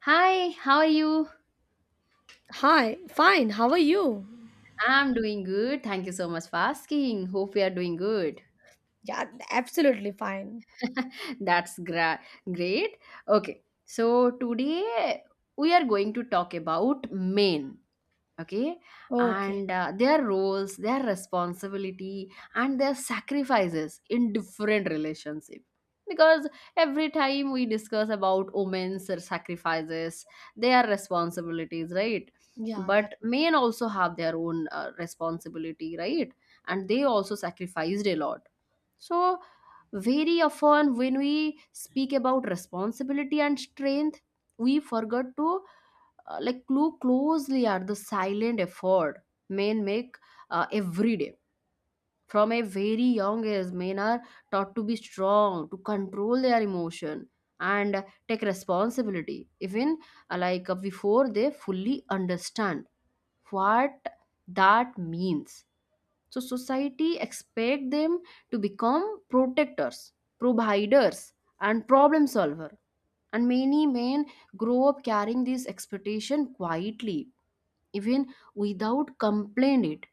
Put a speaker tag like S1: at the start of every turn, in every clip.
S1: Hi, how are you?
S2: Hi, fine. How are you?
S1: I'm doing good. Thank you so much for asking. Hope we are doing good.
S2: Yeah, absolutely fine.
S1: That's great. Okay, so today we are going to talk about Maine. Okay.
S2: Okay.
S1: And their roles their responsibility and their sacrifices in different relationship, because every time we discuss about women's sacrifices, their responsibilities, right?
S2: Yeah, that's
S1: But men also have their own responsibility, right? And they also sacrificed a lot. So very often when we speak about responsibility and strength, we forgot to like look closely at the silent effort men make every day. From a very young age, men are taught to be strong, to control their emotion and take responsibility even like before they fully understand what that means. So society expect them to become protectors, providers and problem solver, and many men grow up carrying this expectation quietly, even without complaint it.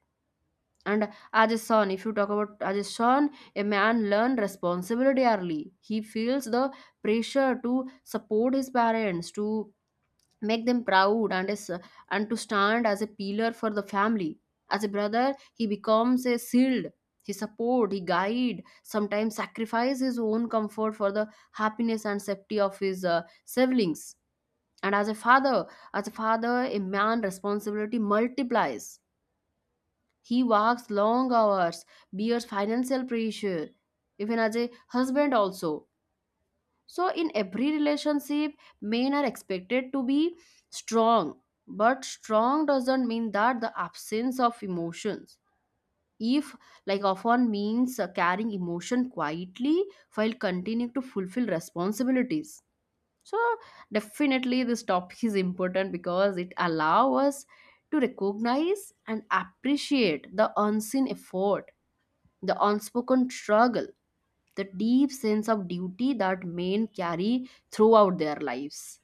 S1: And as a son, if you talk about as a son, a man learn responsibility early. He feels the pressure to support his parents, to make them proud and is and to stand as a pillar for the family. As a brother, he becomes a shield. He support, he guide, sometimes sacrifice his own comfort for the happiness and safety of his siblings. And as a father, as a father, a man responsibility multiplies. He works long hours, bears financial pressure, even as a husband also. So in every relationship, men are expected to be strong, but strong doesn't mean that the absence of emotions. If like often means carrying emotion quietly while continuing to fulfill responsibilities. So definitely this topic is important because it allows us to recognize and appreciate the unseen effort, the unspoken struggle, the deep sense of duty that men carry throughout their lives.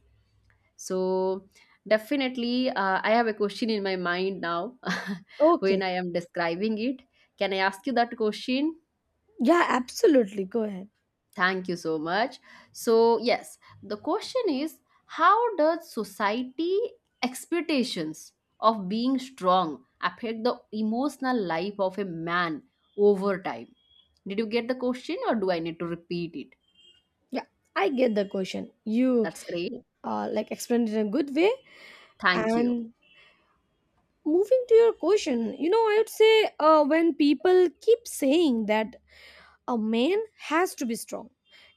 S1: So, definitely, I have a question in my mind now when
S2: okay.
S1: I am describing it. Can I ask you that question?
S2: Yeah, absolutely. Go ahead.
S1: Thank you so much. So, yes, the question is, how does society expectations of being strong affect the emotional life of a man over time? Did you get the question or do I need to repeat it?
S2: Yeah, I get the question. You
S1: That's great.
S2: like explained it in a good way.
S1: Thank you.
S2: And moving to your question, you know, I would say when people keep saying that a man has to be strong,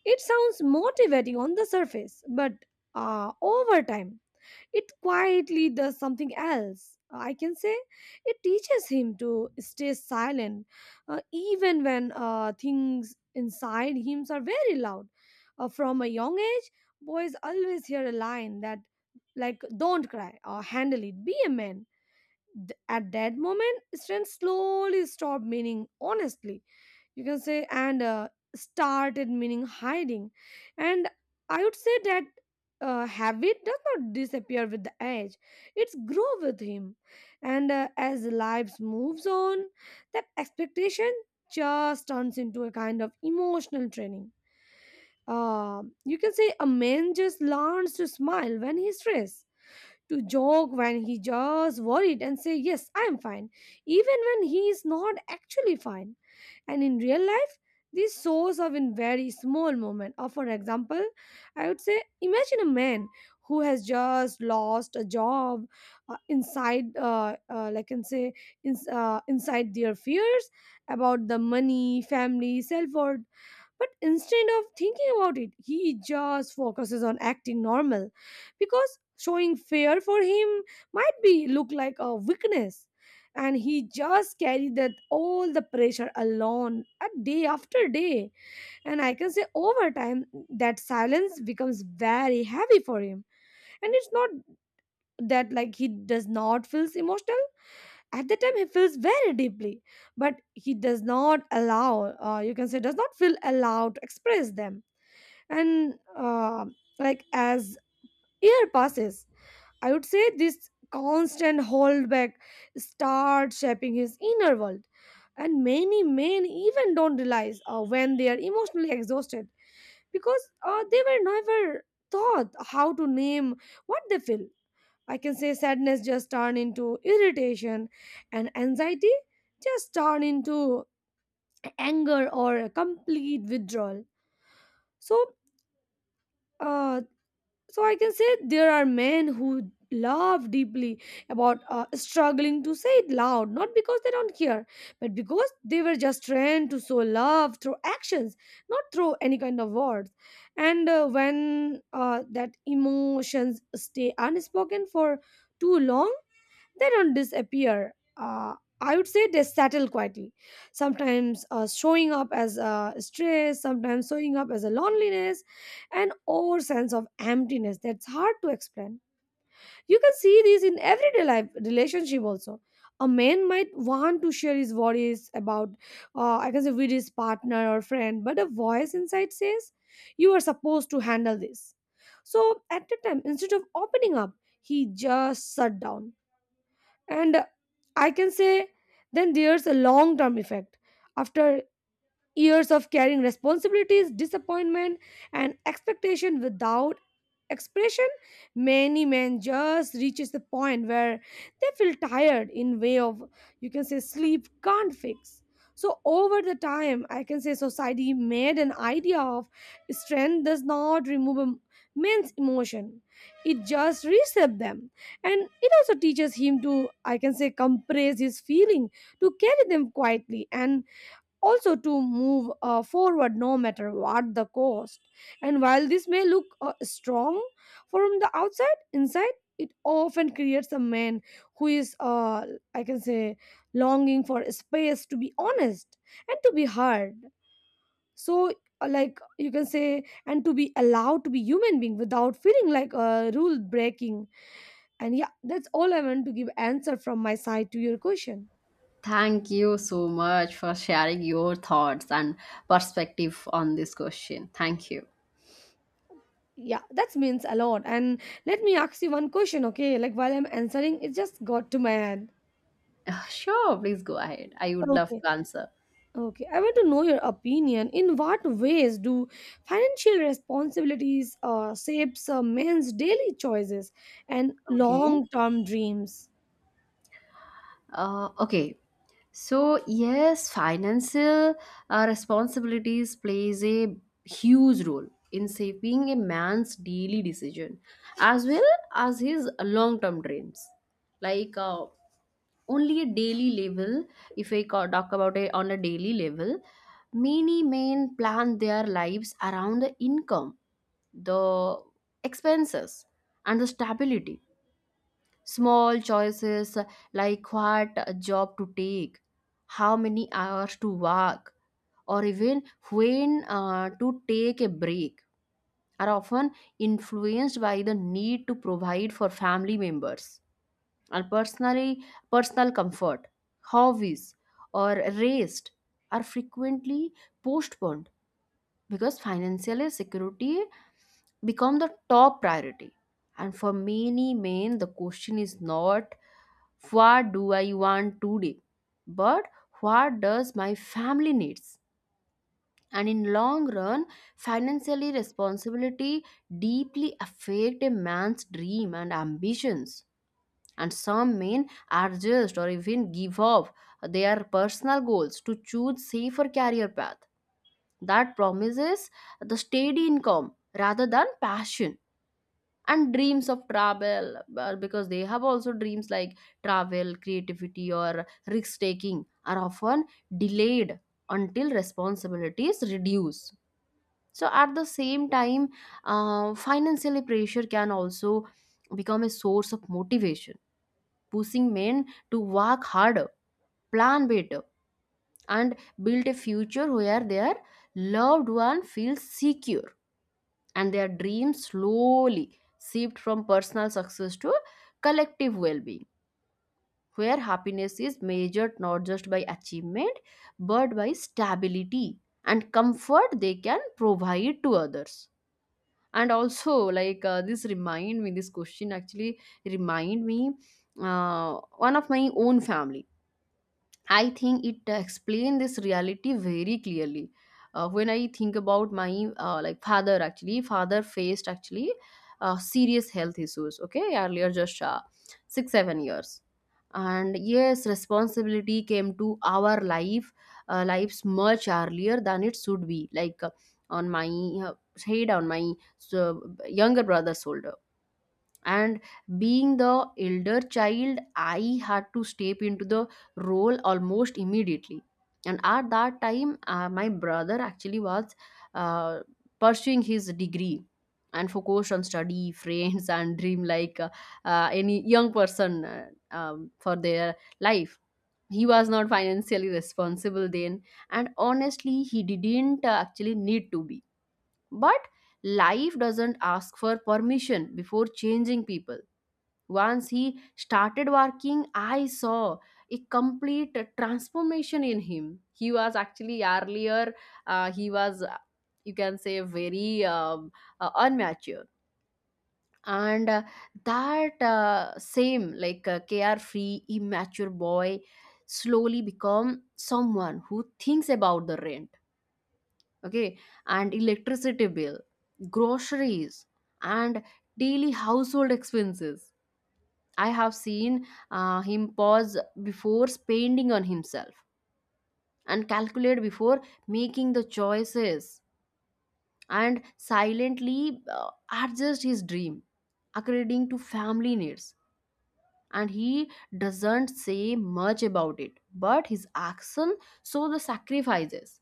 S2: it sounds motivating on the surface, but over time, it quietly does something else. I can say it teaches him to stay silent, even when things inside him are very loud. From a young age, boys always hear a line that, like, don't cry or handle it, be a man. At that moment, strength slowly stopped meaning honestly, you can say, and started meaning hiding. And I would say that habit does not disappear with the age, it's grow with him. And as lives moves on, that expectation just turns into a kind of emotional training. You can say a man just learns to smile when he's stressed, to joke when he just worried, and say yes I am fine even when he is not actually fine. And in real life, this source of in very small moment, or for example, I would say imagine a man who has just lost a job. Inside, like I can say, inside their fears about the money, family, self worth. But instead of thinking about it, he just focuses on acting normal, because showing fear for him might be look like a weakness. And he just carried that all the pressure alone day after day. And I can say over time, that silence becomes very heavy for him. And it's not that like he does not feels emotional. At the time he feels very deeply, but he does not allow, you can say does not feel allowed to express them. And like as year passes, I would say this constant holdback starts shaping his inner world. And many men even don't realize when they are emotionally exhausted, because they were never taught how to name what they feel. I can say sadness just turn into irritation, and anxiety just turn into anger or a complete withdrawal. So uh, so I can say there are men who love deeply, about struggling to say it loud, not because they don't care, but because they were just trained to show love through actions, not through any kind of words. And when that emotions stay unspoken for too long, they don't disappear. I would say they settle quietly. Sometimes showing up as stress, sometimes showing up as a loneliness, an or sense of emptiness that's hard to explain. You can see this in everyday life relationship also. A man might want to share his worries about, I can say, with his partner or friend, but a voice inside says, "You are supposed to handle this." So at the time, instead of opening up, he just shut down, and I can say, then there's a long-term effect. After years of carrying responsibilities, disappointment, and expectation without expression, many men just reaches the point where they feel tired in way of, you can say, sleep can't fix. So over the time, I can say society made an idea of strength does not remove a man's emotion. It just resets them. And it also teaches him to, I can say, compress his feeling, to carry them quietly, and also to move forward no matter what the cost. And while this may look strong from the outside, inside it often creates a man who is, I can say, longing for space to be honest and to be heard. So, like you can say, and to be allowed to be human being without feeling like a rule breaking. And yeah, that's all I want to give answer from my side to your question.
S1: Thank you so much for sharing your thoughts and perspective on this question. Thank you.
S2: Yeah, that means a lot. And let me ask you one question, okay? Like while I'm answering, it just got to my head.
S1: Sure, please go ahead. I would love
S2: Okay.
S1: to answer.
S2: Okay. I want to know your opinion. In what ways do financial responsibilities shapes men's daily choices and
S1: Okay.
S2: long-term dreams?
S1: Okay. So yes, financial responsibilities plays a huge role in shaping a man's daily decision as well as his long-term dreams. Like only a daily level, if I ca- talk about it on a daily level, many men plan their lives around the income, the expenses and the stability. Small choices like what job to take, how many hours to work, or even when to take a break are often influenced by the need to provide for family members. And personally, personal comfort, hobbies or rest are frequently postponed because financial security become the top priority. And for many men, the question is not what do I want today, but what does my family needs. And in long run, financially responsibility deeply affect a man's dream and ambitions, and some men adjust or even give up their personal goals to choose safer career path that promises the steady income rather than passion. And dreams of travel, because they have also dreams like travel, creativity or risk taking are often delayed until responsibilities reduce. So at the same time, financially pressure can also become a source of motivation, pushing men to work harder, plan better, and build a future where their loved one feels secure. And their dreams slowly shift from personal success to collective well being, where happiness is measured not just by achievement, but by stability and comfort they can provide to others. And also, like, this question actually remind me one of my own family. I think it explains this reality very clearly. When I think about my like father, actually, father faced actually serious health issues. Okay, earlier just 6-7 years, and yes, responsibility came to our life lives much earlier than it should be. Like on my uh, head, on my so, younger brother's shoulder. And being the elder child, I had to step into the role almost immediately. And at that time, my brother actually was uh, pursuing his degree and focused on study friends and dream like any young person for their life. He was not financially responsible then, and honestly he didn't actually need to be, but life doesn't ask for permission before changing people. Once he started working, I saw a complete transformation in him. He was actually earlier, he was, you can say, very unmature. And that same, like carefree, immature boy slowly become someone who thinks about the rent, okay, and electricity bill, groceries, and daily household expenses. I have seen him pause before spending on himself and calculate before making the choices and silently adjust his dream according to family needs. And he doesn't say much about it, but his action show the sacrifices.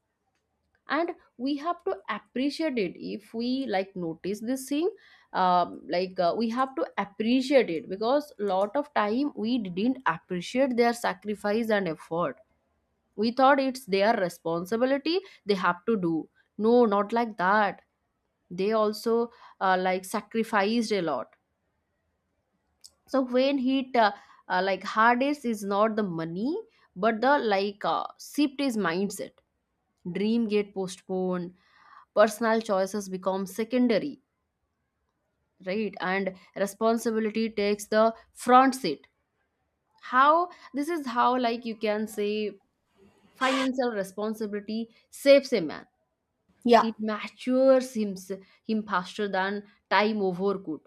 S1: And we have to appreciate it if we like notice this thing. Like we have to appreciate it, because lot of time we didn't appreciate their sacrifice and effort. We thought it's their responsibility, they have to do. No, not like that. They also like sacrificed a lot. So when hit, like hardest is not the money but the like shift is mindset. Dream get postponed, personal choices become secondary, right? And responsibility takes the front seat. How this is how, like, you can say financial responsibility saves a man,
S2: Yeah.
S1: it matures him, him faster than time over could.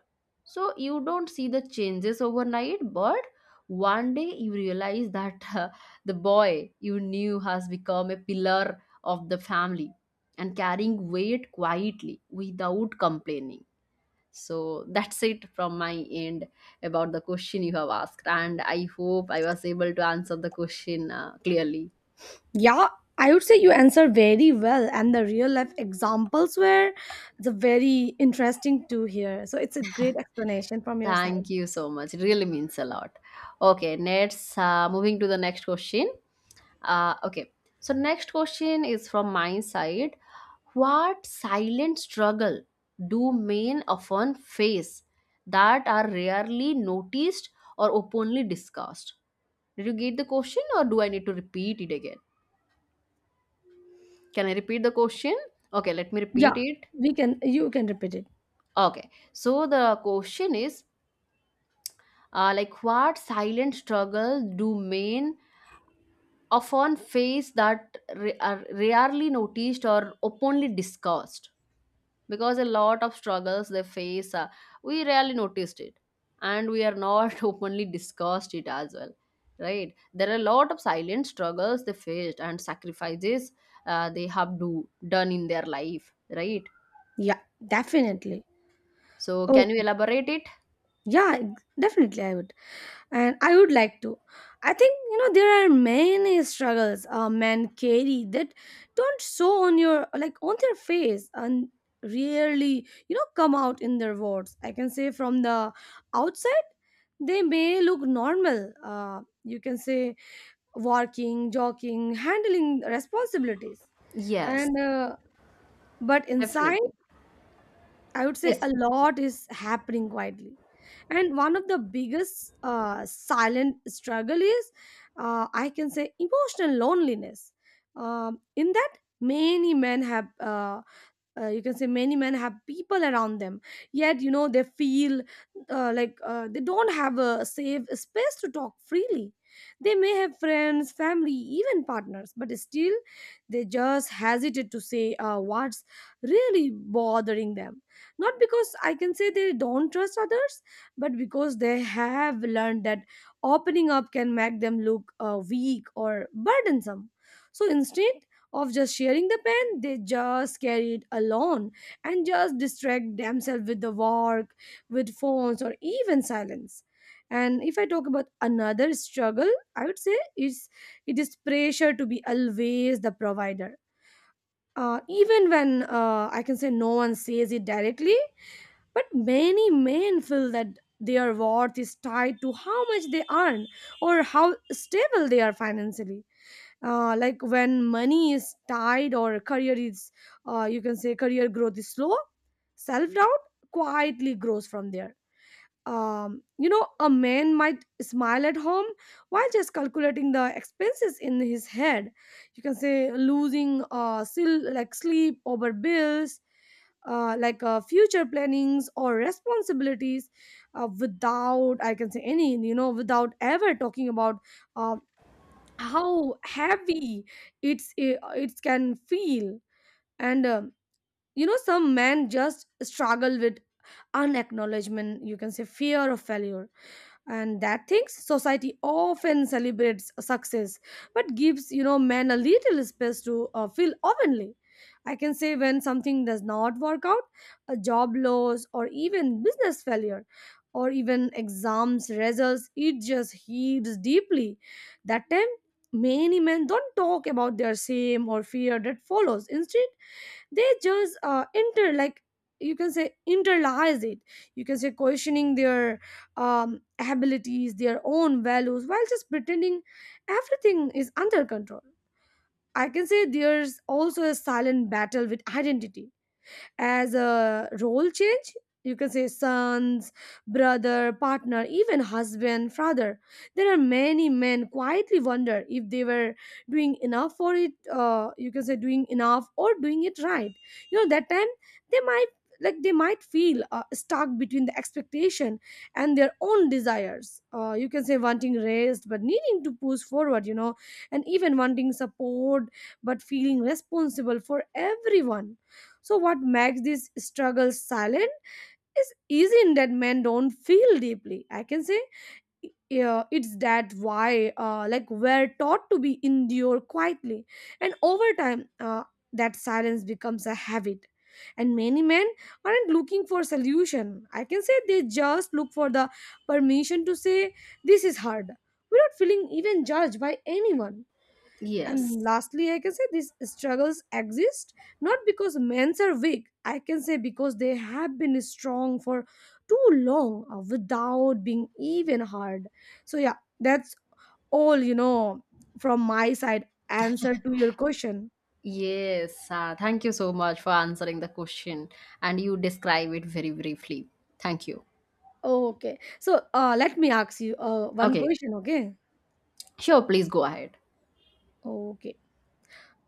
S1: So you don't see the changes overnight, but one day you realize that the boy you knew has become a pillar of the family and carrying weight quietly without complaining. So that's it from my end about the question you have asked, and I hope I was able to answer the question clearly.
S2: Yeah, I would say you answer very well, and the real life examples were the very interesting to hear. So it's a great explanation from your side.
S1: Thank you so much. It really means a lot. Okay, next, moving to the next question. Okay, so next question is from my side. What silent struggle do men often face that are rarely noticed or openly discussed? Did you get the question, or do I need to repeat it again? Can I repeat the question? Okay, let me
S2: Yeah,
S1: repeat it.
S2: we can. You can repeat it.
S1: Okay, so the question is, like what silent struggle do men often face that are rarely noticed or openly discussed? Because a lot of struggles they face, we rarely noticed it, and we are not openly discussed it as well, right? There are a lot of silent struggles they faced and sacrifices they have do done in their life, right?
S2: Yeah, definitely.
S1: So can you
S2: Okay.
S1: elaborate it?
S2: Yeah, definitely I would. And I would like to. I think, you know, there are many struggles men carry that don't show on your, like, on their face, and rarely, you know, come out in their words. I can say from the outside, they may look normal. You can say working, joking, handling responsibilities.
S1: Yes,
S2: And, uh, but inside,
S1: definitely.
S2: I would say
S1: Yes,
S2: a lot is happening quietly. And one of the biggest silent struggle is, I can say, emotional loneliness. In that, many men have you can say, many men have people around them, yet you know they feel they don't have a safe space to talk freely. They may have friends, family, even partners, but still they just hesitate to say what's really bothering them. Not because, I can say, they don't trust others, but because they have learned that opening up can make them look weak or burdensome. So instead of just sharing the pen, they just carry it alone and just distract themselves with the work, with phones, or even silence. And if I talk about another struggle, I would say is it is pressure to be always the provider. Even when, I can say, no one says it directly, but many men feel that their worth is tied to how much they earn or how stable they are financially. Like when money is tied, or career is, you can say, career growth is slow, self-doubt quietly grows from there. You know, a man might smile at home while just calculating the expenses in his head, you can say losing still like sleep over bills, future plannings or responsibilities, without, I can say, any, you know, without ever talking about uh, how heavy it can feel. And You know, some men just struggle with unacknowledgement, you can say, fear of failure. And that things society often celebrates success but gives, you know, men a little space to feel openly. I can say when something does not work out, a job loss or even business failure or even exams results, it just hits deeply. That time, many men don't talk about their shame or fear that follows. Instead they just inter like you can say internalize it, you can say questioning their abilities, their own values, while just pretending everything is under control. I can say there's also a silent battle with identity as a role change. You can say sons, brother, partner, even husband, father. There are many men quietly wonder if they were doing enough for it, you can say doing enough or doing it right. You know that time they might, they might feel stuck between the expectation and their own desires, you can say wanting rest but needing to push forward, you know, and even wanting support but feeling responsible for everyone. So, what makes this struggle silent is isn't that men don't feel deeply. I can say, yeah, it's that why, like, we're taught to be endure quietly, and over time, that silence becomes a habit. And many men aren't looking for solution. I can say they just look for the permission to say this is hard without feeling even judged by anyone.
S1: yes,
S2: And lastly, I can say these struggles exist not because men are weak, I can say because they have been strong for too long without being even hard. So, yeah, that's all, you know, from my side answer to your question.
S1: yes. Thank you so much for answering the question, and you describe it very briefly. Thank you.
S2: Okay, so let me ask you one
S1: Okay,
S2: question, okay?
S1: sure, please go ahead.
S2: Okay,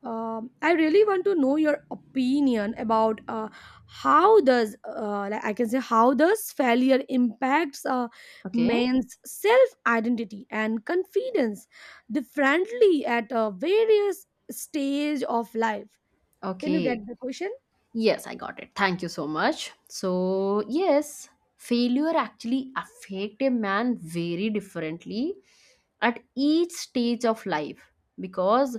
S2: I really want to know your opinion about how does, like I can say, how does failure impacts
S1: Okay,
S2: men's self identity and confidence differently at various stage of life. Can you get
S1: okay.
S2: the question?
S1: Yes, I got it. Thank you so much. So, yes, failure actually affect a man very differently at each stage of life, because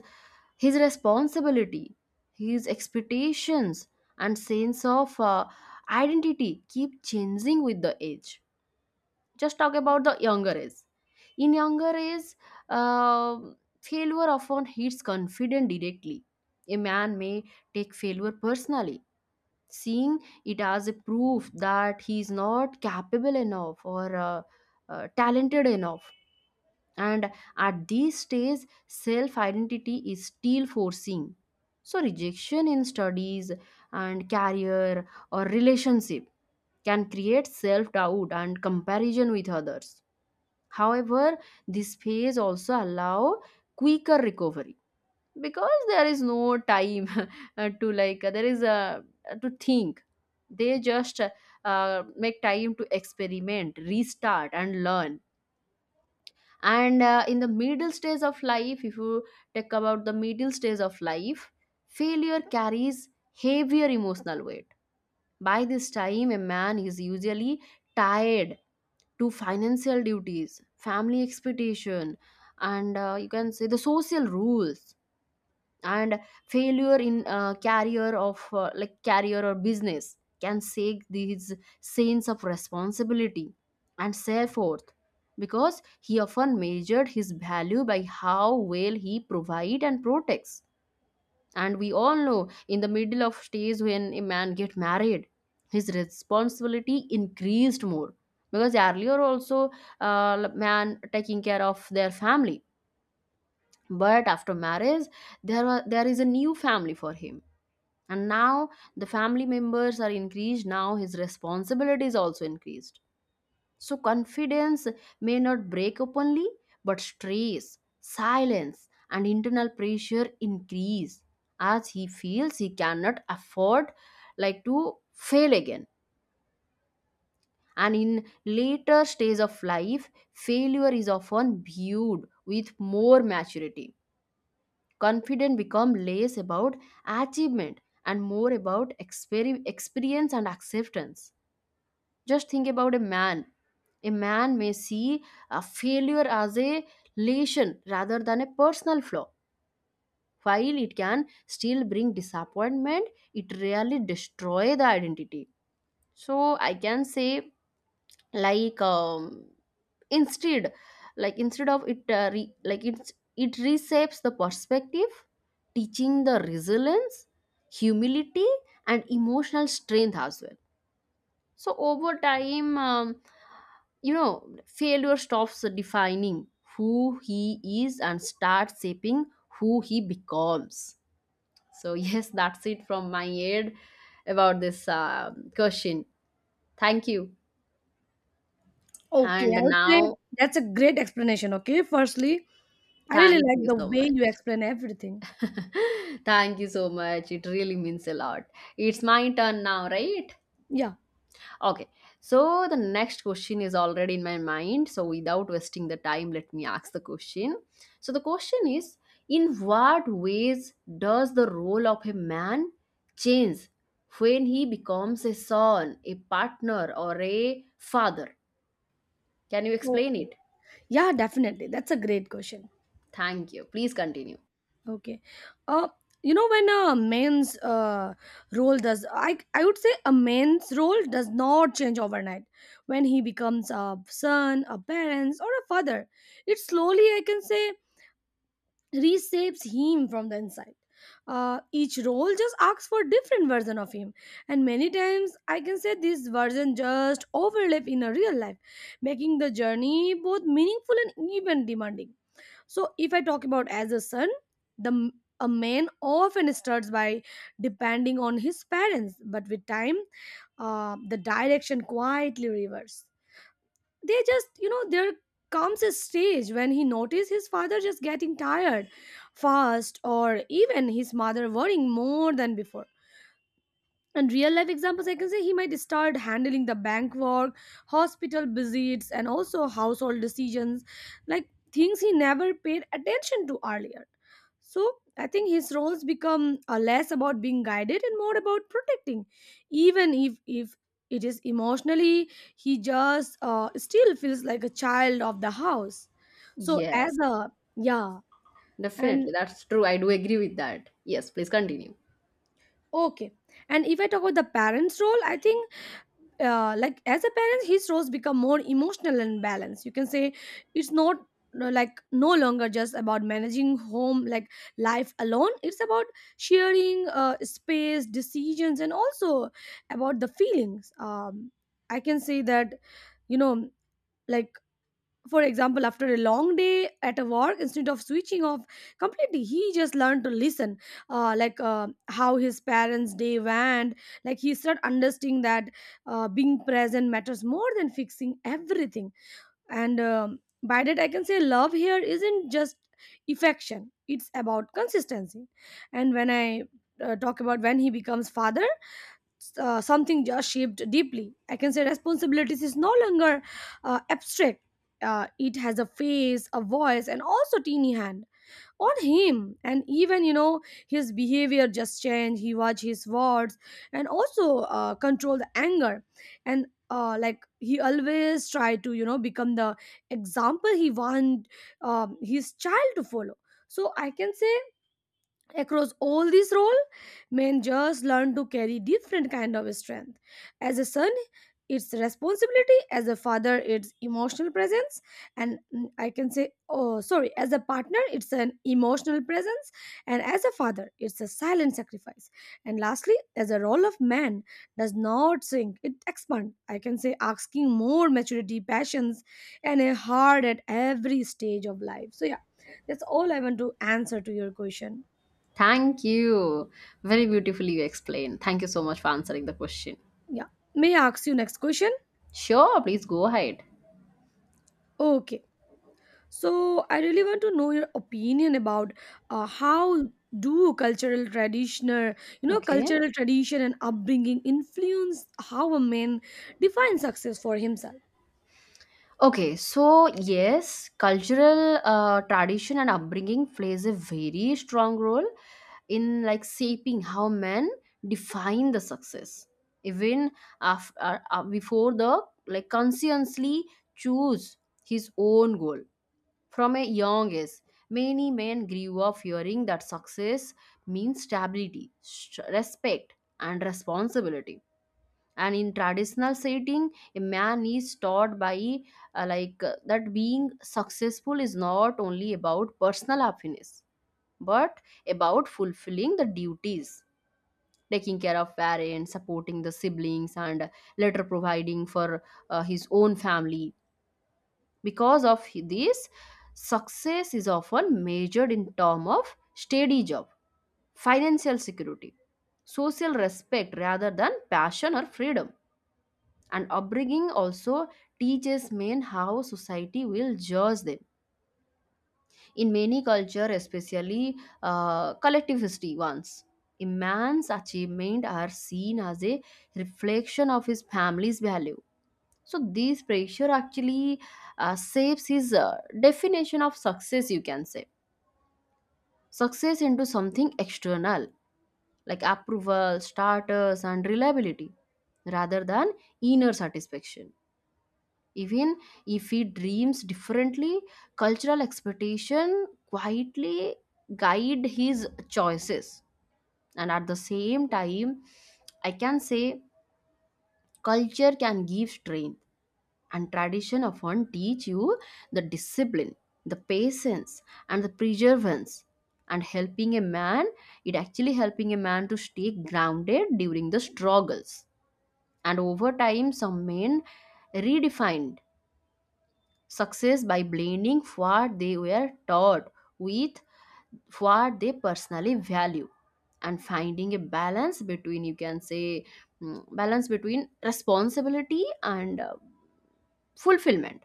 S1: his responsibility, his expectations and sense of identity keep changing with the age. Just talk about the younger age. In younger age, failure often hits confident directly. A man may take failure personally, seeing it as a proof that he is not capable enough or talented enough. And at this stage, self identity is still forcing, so rejection in studies and career or relationship can create self doubt and comparison with others. However, this phase also allow quicker recovery, because there is no time to like there is a to think, they just make time to experiment, restart and learn. And in the middle stage of life, if you talk about the middle stage of life, failure carries heavier emotional weight. By this time, a man is usually tied to financial duties, family expectation and you can say the social rules, and failure in career of like career or business can shake these sense of responsibility and self-worth, because he often measured his value by how well he provide and protects. And we all know in the middle of stage, when a man get married, his responsibility increased more, because earlier also man taking care of their family, but after marriage, there is a new family for him, and now the family members are increased, now his responsibility is also increased. So confidence may not break openly, but stress, silence and internal pressure increase, as he feels he cannot afford like to fail again. And in later stage of life, failure is often viewed with more maturity. Confidence become less about achievement and more about experience and acceptance Just think about a man. A man may see a failure as a lesson rather than a personal flaw. While it can still bring disappointment, it really destroys the identity. So I can say, like um, instead, instead of it, it reshapes the perspective, teaching the resilience, humility, and emotional strength as well. So over time, failure stops defining who he is and starts shaping who he becomes. So yes, that's it from my end about this question. Thank you
S2: Okay,
S1: and
S2: I would say
S1: now.
S2: that's a great explanation. Okay, firstly, I really
S1: Thank
S2: like
S1: you
S2: the
S1: so
S2: way
S1: much.
S2: you explain everything.
S1: Thank you so much. It really means a lot. It's my turn now, right?
S2: Yeah.
S1: Okay. So the next question is already in my mind. So without wasting the time, let me ask the question. So the question is: in what ways does the role of a man change when he becomes a son, a partner, or a father? Can you explain
S2: Okay.
S1: it?
S2: Yeah, definitely. That's a great question.
S1: Thank you. Please continue.
S2: Okay. Uh, you know, when a man's role does I would say a man's role does not change overnight. When he becomes a son, a parent, or a father, it slowly, I can say, reshapes him from the inside. Each role just asks for different version of him, and many times, I can say, this version just overlap in a real life, making the journey both meaningful and even demanding. So if I talk about as a son, the m- a man often starts by depending on his parents, but with time, the direction quietly reverses. They just, you know, there comes a stage when he notices his father just getting tired fast, or even his mother worrying more than before. And real life examples, I can say, he might start handling the bank work, hospital visits, and also household decisions, like things he never paid attention to earlier. So I think his roles become less about being guided and more about protecting, even if it is emotionally, he just still feels like a child of the house. So as
S1: Yes.
S2: a yeah
S1: Definitely,
S2: and
S1: that's true. I do agree with that. Yes, please continue.
S2: Okay, and if I talk about the parents role, I think, like, as a parent his roles become more emotional and balanced, you can say. It's not, no, like no longer just about managing home like life alone, it's about sharing space, decisions, and also about the feelings. I can say that, you know, like, for example, after a long day at a work, instead of switching off completely, he just learned to listen, how his parents day went. Like, he started understanding that being present matters more than fixing everything. And By that, I can say, love here isn't just affection, it's about consistency. And when I talk about when he becomes father, something just shaped deeply. I can say responsibilities is no longer abstract. It has a face, a voice, and also teeny hand on him. And even, you know, his behavior just changed. He watch his words and also control the anger. And like, he always try to, you know, become the example he want his child to follow. So I can say across all this role, men just learn to carry different kind of strength. As a son, it's responsibility. As a father, it's emotional presence. And I can say, oh sorry, as a partner, it's an emotional presence. And as a father, it's a silent sacrifice. And lastly, as a role of man, does not shrink, it expands, I can say, asking more maturity, passions, and a heart at every stage of life. So yeah, that's all I want to answer to your question.
S1: Thank you. Very beautifully you explained. Thank you so much for answering the question.
S2: Yeah. May I ask you next question?
S1: Sure, please go ahead.
S2: Okay. So I really want to know your opinion about how do you know,
S1: Okay.
S2: cultural tradition and upbringing influence how a man defines success for himself.
S1: Okay, so yes, cultural tradition and upbringing plays a very strong role in like shaping how men define the success. Even after, before the, like, consciously choose his own goal. From a young age, many men grew up hearing that success means stability, respect, and responsibility. And in traditional setting, a man is taught by that being successful is not only about personal happiness, but about fulfilling the duties, taking care of parents, supporting the siblings, and later providing for his own family. Because of this, success is often measured in terms of steady job, financial security, social respect rather than passion or freedom. And upbringing also teaches men how society will judge them. In many cultures, especially collectivistic ones, a man's achievement are seen as a reflection of his family's value. So this pressure actually shapes his definition of success, you can say. Success into something external, like approval, status, and reliability, rather than inner satisfaction. Even if he dreams differently, cultural expectation quietly guide his choices. And at the same time, I can say culture can give strain, and tradition often teach you the discipline, the patience, and the perseverance, and helping a man, it actually helping a man to stay grounded during the struggles. And over time, some men redefined success by blending what they were taught with what they personally value, and finding a balance between, you can say, balance between responsibility and fulfillment.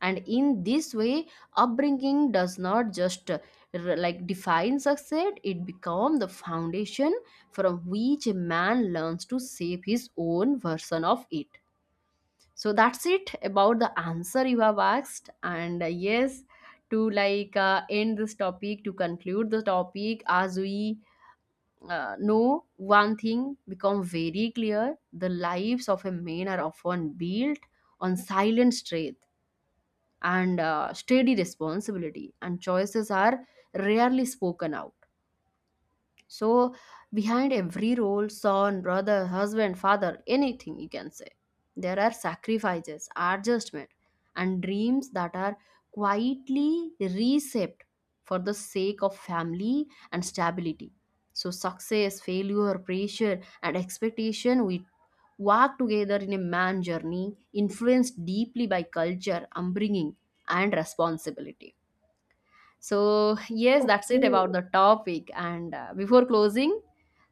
S1: And in this way, upbringing does not just define success. It becomes the foundation from which a man learns to shape his own version of it. So that's it about the answer you have asked. And yes, to end this topic, to conclude the topic, as we know, one thing become very clear: the lives of a man are often built on silent strength and steady responsibility, and choices are rarely spoken out. So behind every role, son, brother, husband, father, anything you can say, there are sacrifices, adjustment, and dreams that are quietly reshaped for the sake of family and stability. So success, failure, pressure, and expectation we walk together in a man journey influenced deeply by culture, upbringing, and responsibility. So, yes, that's it about
S2: Okay.
S1: the topic. And before closing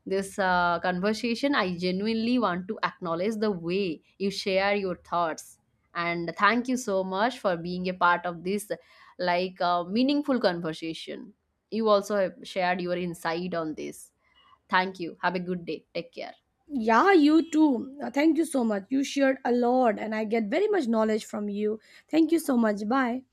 S1: this conversation, I genuinely want to acknowledge the way you share your thoughts. And thank you so much for being a part of this meaningful conversation. You also have shared your insight on this. Thank you. Have a good day. Take care.
S2: Yeah, you too. Thank you so much. You shared a lot and I get very much knowledge from you. Thank you so much. Bye.